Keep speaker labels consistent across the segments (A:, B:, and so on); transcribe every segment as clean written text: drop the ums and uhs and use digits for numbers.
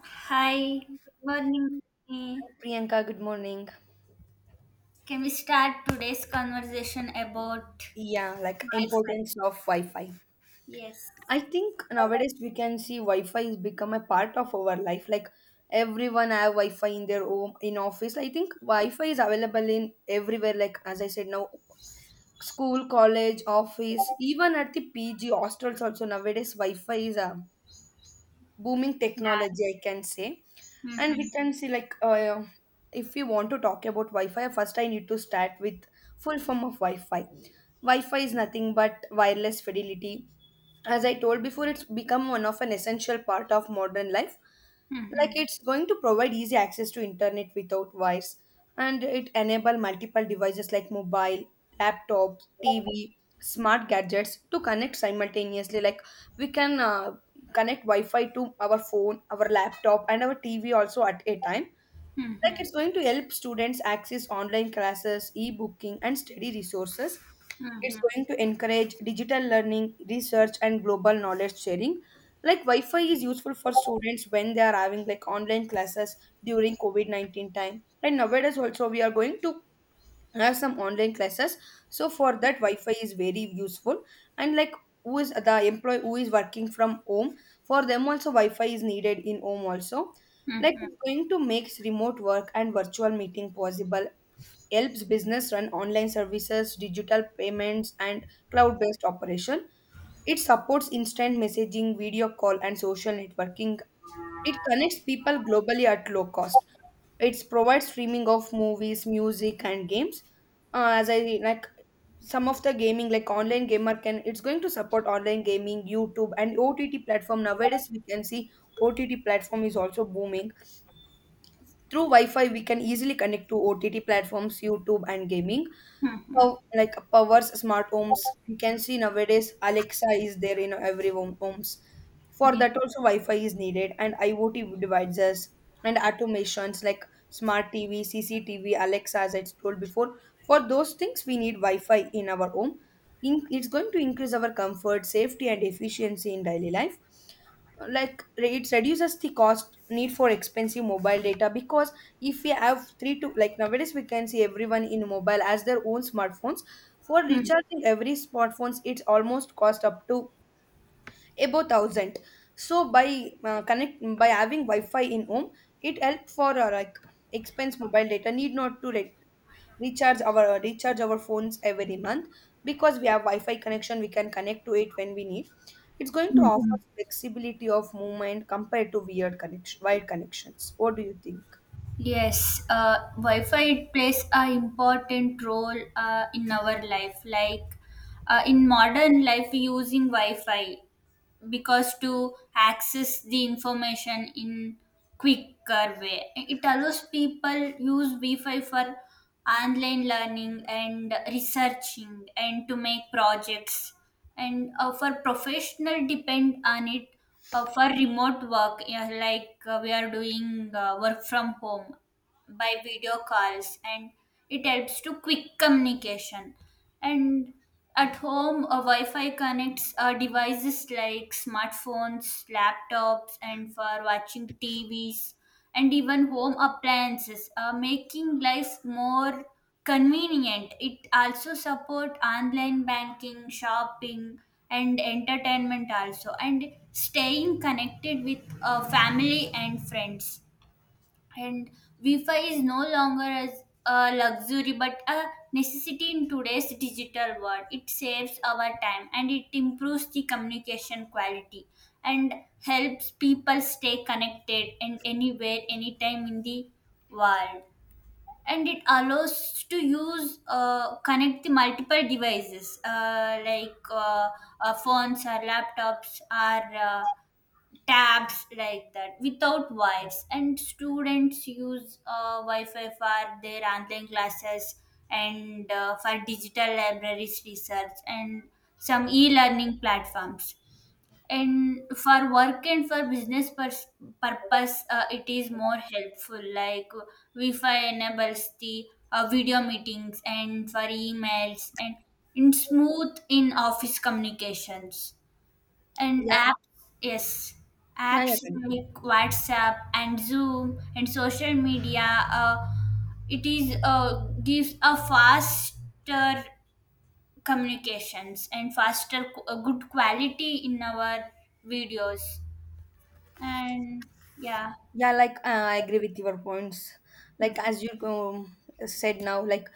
A: Hi, good morning. Rani.
B: Priyanka, good morning.
A: Can we start today's conversation about
B: Yeah, like
A: Wi-Fi?
B: importance of Wi-Fi.
A: Yes.
B: I think nowadays we can see Wi-Fi is become a part of our life. Like everyone have Wi-Fi in their home, in office. I think Wi-Fi is available in everywhere. Like as I said now, school, college, office, even at the PG hostels also nowadays Wi-Fi is booming
A: Yeah.
B: technology I can say, and
A: Mm-hmm.
B: we can see like if we want to talk about Wi-Fi, first I need to start with full form of Wi-Fi. Wi-Fi is nothing but wireless fidelity. As I told before, it's become one of an essential part of modern life. Like
A: Mm-hmm.
B: it's going to provide easy access to internet without wires, and it enable multiple devices like mobile, laptops, TV, smart gadgets to connect simultaneously. Like we can connect Wi-Fi to our phone, our laptop, and our TV also at a time. Like
A: Mm-hmm.
B: it's going to help students access online classes, e-booking, and study resources. It's
A: Mm-hmm.
B: going to encourage digital learning, research, and global knowledge sharing. Like Wi-Fi is useful for students when they are having like online classes during covid-19 time, and nowadays also we are going to, I have some online classes, so for that Wi-Fi is very useful. And like who is the employee who is working from home, for them also Wi-Fi is needed in home also. Like
A: Mm-hmm.
B: it's going to makes remote work and virtual meeting possible, helps business run online services, digital payments, and cloud based operation. It supports instant messaging, video call, and social networking. It connects people globally at low cost. It provides streaming of movies, music, and games. As I Like some of the gaming, like online gamer can, it's going to support online gaming, YouTube, and OTT platform. Nowadays we can see OTT platform is also booming. Through Wi-Fi we can easily connect to OTT platforms, YouTube, and gaming.
A: Mm-hmm.
B: Oh, like powers smart homes. You can see nowadays Alexa is there in every homes. For
A: Yeah.
B: that also Wi-Fi is needed, and IoT devices and automations like smart TV, CCTV, Alexa, as I told before. For those things, we need Wi-Fi in our home. In, it's going to increase our comfort, safety, and efficiency in daily life. Like it reduces the cost need for expensive mobile data, because if we have three to, like nowadays we can see everyone in mobile as their own smartphones. For recharging every smartphones, it's almost cost up to about thousand. So by connect by having Wi-Fi in home, it help for like expense mobile data need not to like recharge our phones every month, because we have Wi-Fi connection, we can connect to it when we need. It's going to
A: Mm-hmm.
B: offer flexibility of movement compared to wired connections. What do you think?
A: Yes, Wi-Fi it plays a important role in our life. Like in modern life, using Wi-Fi, because to access the information in quicker way, it allows people use wi-fi for online learning and researching and to make projects, and for professional depend on it, for remote work. Yeah, like we are doing work from home by video calls, and it helps to quick communication. And at home, a wi-fi connects devices like smartphones, laptops, and for watching tvs and even home appliances, making life more convenient. It also support online banking, shopping, and entertainment also, and staying connected with family and friends. And wi-fi is no longer as a luxury but a necessity in today's digital world. It saves our time and it improves the communication quality, and helps people stay connected and anywhere anytime in the world. And it allows to use, connect the multiple devices, phones or laptops or tabs like that without wires. And students use wi-fi for their online classes and for digital libraries, research, and some e-learning platforms. And for work and for business purpose, it is more helpful. Like wi-fi enables the video meetings and for emails and in smooth in office communications and
B: Yeah,
A: apps. Yes,
B: yeah.
A: apps
B: continue.
A: like whatsapp and zoom and social media. uh, it is gives a faster communications and faster good quality in our videos. And yeah.
B: Yeah, like I agree with your points. Like as
A: Mm-hmm.
B: you said now, like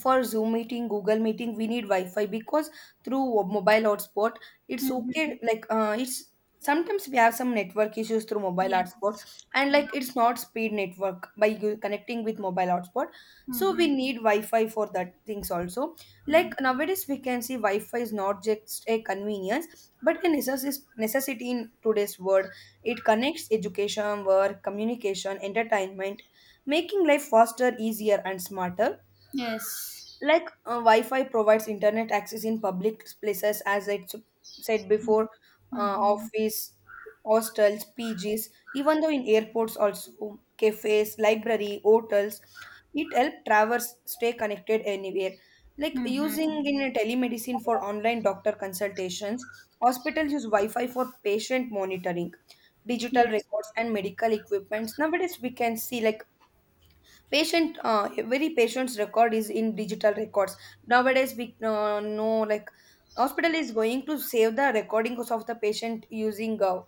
B: for Zoom meeting, Google meeting, we need Wi-Fi, because through mobile hotspot, it's
A: Mm-hmm.
B: okay. Like it's sometimes we have some network issues through mobile hotspot,
A: Yes.
B: and
A: Yeah.
B: like it's not speed network by connecting with mobile hotspot. So we
A: Mm-hmm.
B: need Wi-Fi for that things also.
A: Mm-hmm.
B: Like nowadays, we can see Wi-Fi is not just a convenience, but a necessity in today's world. It connects education, work, communication, entertainment, making life faster, easier, and smarter.
A: Yes.
B: Like Wi-Fi provides internet access in public places, as said before.
A: Mm-hmm.
B: Office, hostels, PGs, even though in airports also, cafes, library, hotels. It helps travelers stay connected anywhere. Like using
A: Mm-hmm.
B: in telemedicine for online doctor consultations, hospitals use Wi-Fi for patient monitoring, digital
A: Yes.
B: records, and medical equipments. Nowadays we can see like patient every patient's record is in digital records. Nowadays we know like hospital is going to save the recordings of the patient using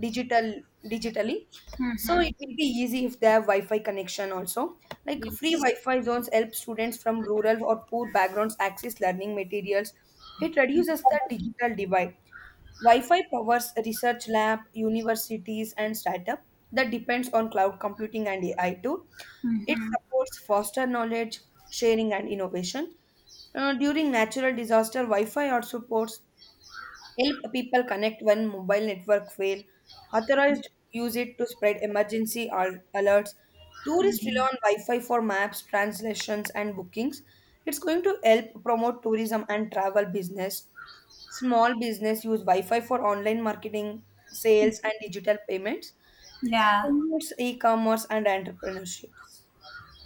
B: digital digitally. So
A: Mm-hmm.
B: it will be easy if they have Wi-Fi connection also. Like free
A: Yes.
B: Wi-Fi zones help students from rural or poor backgrounds access learning materials. It reduces the digital divide. Wi-Fi powers research lab, universities, and startup that depends on cloud computing and AI too. It
A: Mm-hmm.
B: supports foster knowledge, sharing, and innovation. During natural disaster, Wi-Fi also supports, help people connect when mobile network fail. Authorized use it to spread emergency alerts. Tourists rely on Wi-Fi for maps, translations, and bookings. It's going to help promote tourism and travel business. Small business use Wi-Fi for online marketing, sales, and digital payments.
A: Yeah.
B: Promotes e-commerce and entrepreneurships.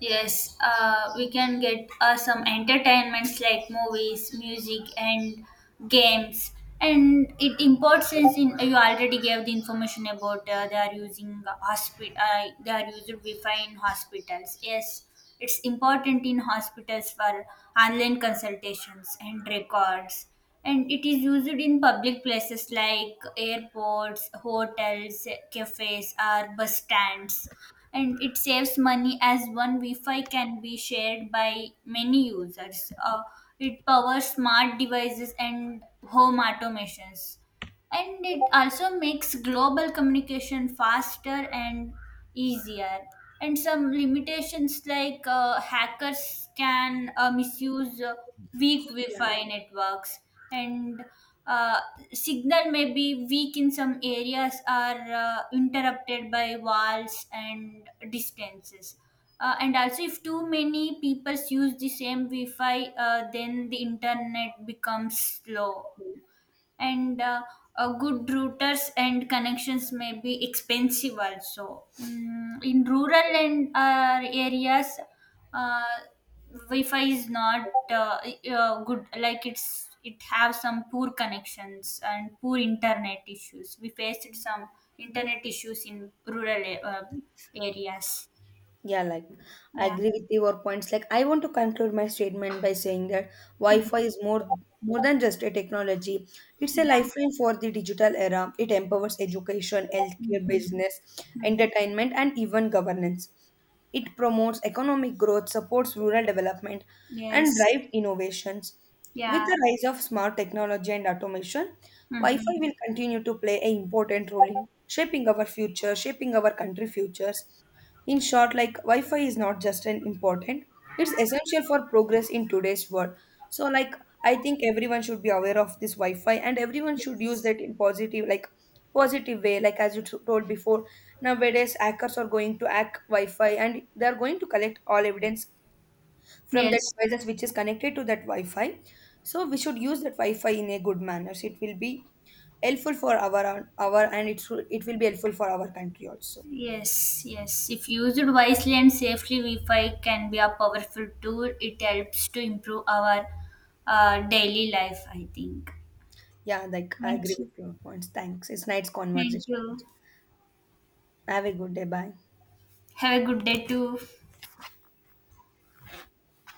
A: Yes, we can get some entertainments like movies, music, and games. And it important since in you already gave the information about they are using hospital. They are used Wi-Fi in hospitals. Yes, it's important in hospitals for online consultations and records. And it is used in public places like airports, hotels, cafes, or bus stands. And it saves money as one Wi-Fi can be shared by many users. It powers smart devices and home automations, and it also makes global communication faster and easier. And some limitations, like hackers can misuse weak
B: Yeah.
A: wi-fi networks. And uh, signal may be weak in some areas are interrupted by walls and distances. And also if too many people use the same wi-fi, then the internet becomes slow. And good routers and connections may be expensive also. Mm, in rural and areas, uh, Wi-Fi is not good. Like it's it have some poor connections and poor internet issues. We faced some internet issues in rural uh, areas.
B: Yeah, like I
A: Yeah.
B: agree with your points. Like I want to conclude my statement by saying that
A: Mm.
B: Wi-Fi is more than just a technology. It's a
A: Yeah.
B: lifeline for the digital era. It empowers education, healthcare,
A: Mhm.
B: business,
A: Mhm.
B: entertainment, and even governance. It promotes economic growth, supports rural development, and
A: Yes.
B: drives innovations. With
A: Yeah.
B: the rise of smart technology and automation,
A: Hmm.
B: Wi-Fi will continue to play an important role in shaping our future, shaping our country futures. In short, like Wi-Fi is not just an important, it's essential for progress in today's world. So like I think everyone should be aware of this Wi-Fi, and everyone should use
A: Yes.
B: that in positive way, like as you told before, nowadays hackers are going to hack Wi-Fi, and they are going to collect all evidence from the
A: Yes.
B: devices which is connected to that Wi-Fi. So we should use that Wi-Fi in a good manner. It will be helpful for our, and it will be helpful for our country also.
A: Yes, yes. If used wisely and safely, Wi-Fi can be a powerful tool. It helps to improve our daily life, I think.
B: Yeah, like I agree
A: Thank you.
B: with your points. Thanks. It's nice
A: Thank
B: conversation.
A: you.
B: Have a good day. Bye.
A: Have a good day too.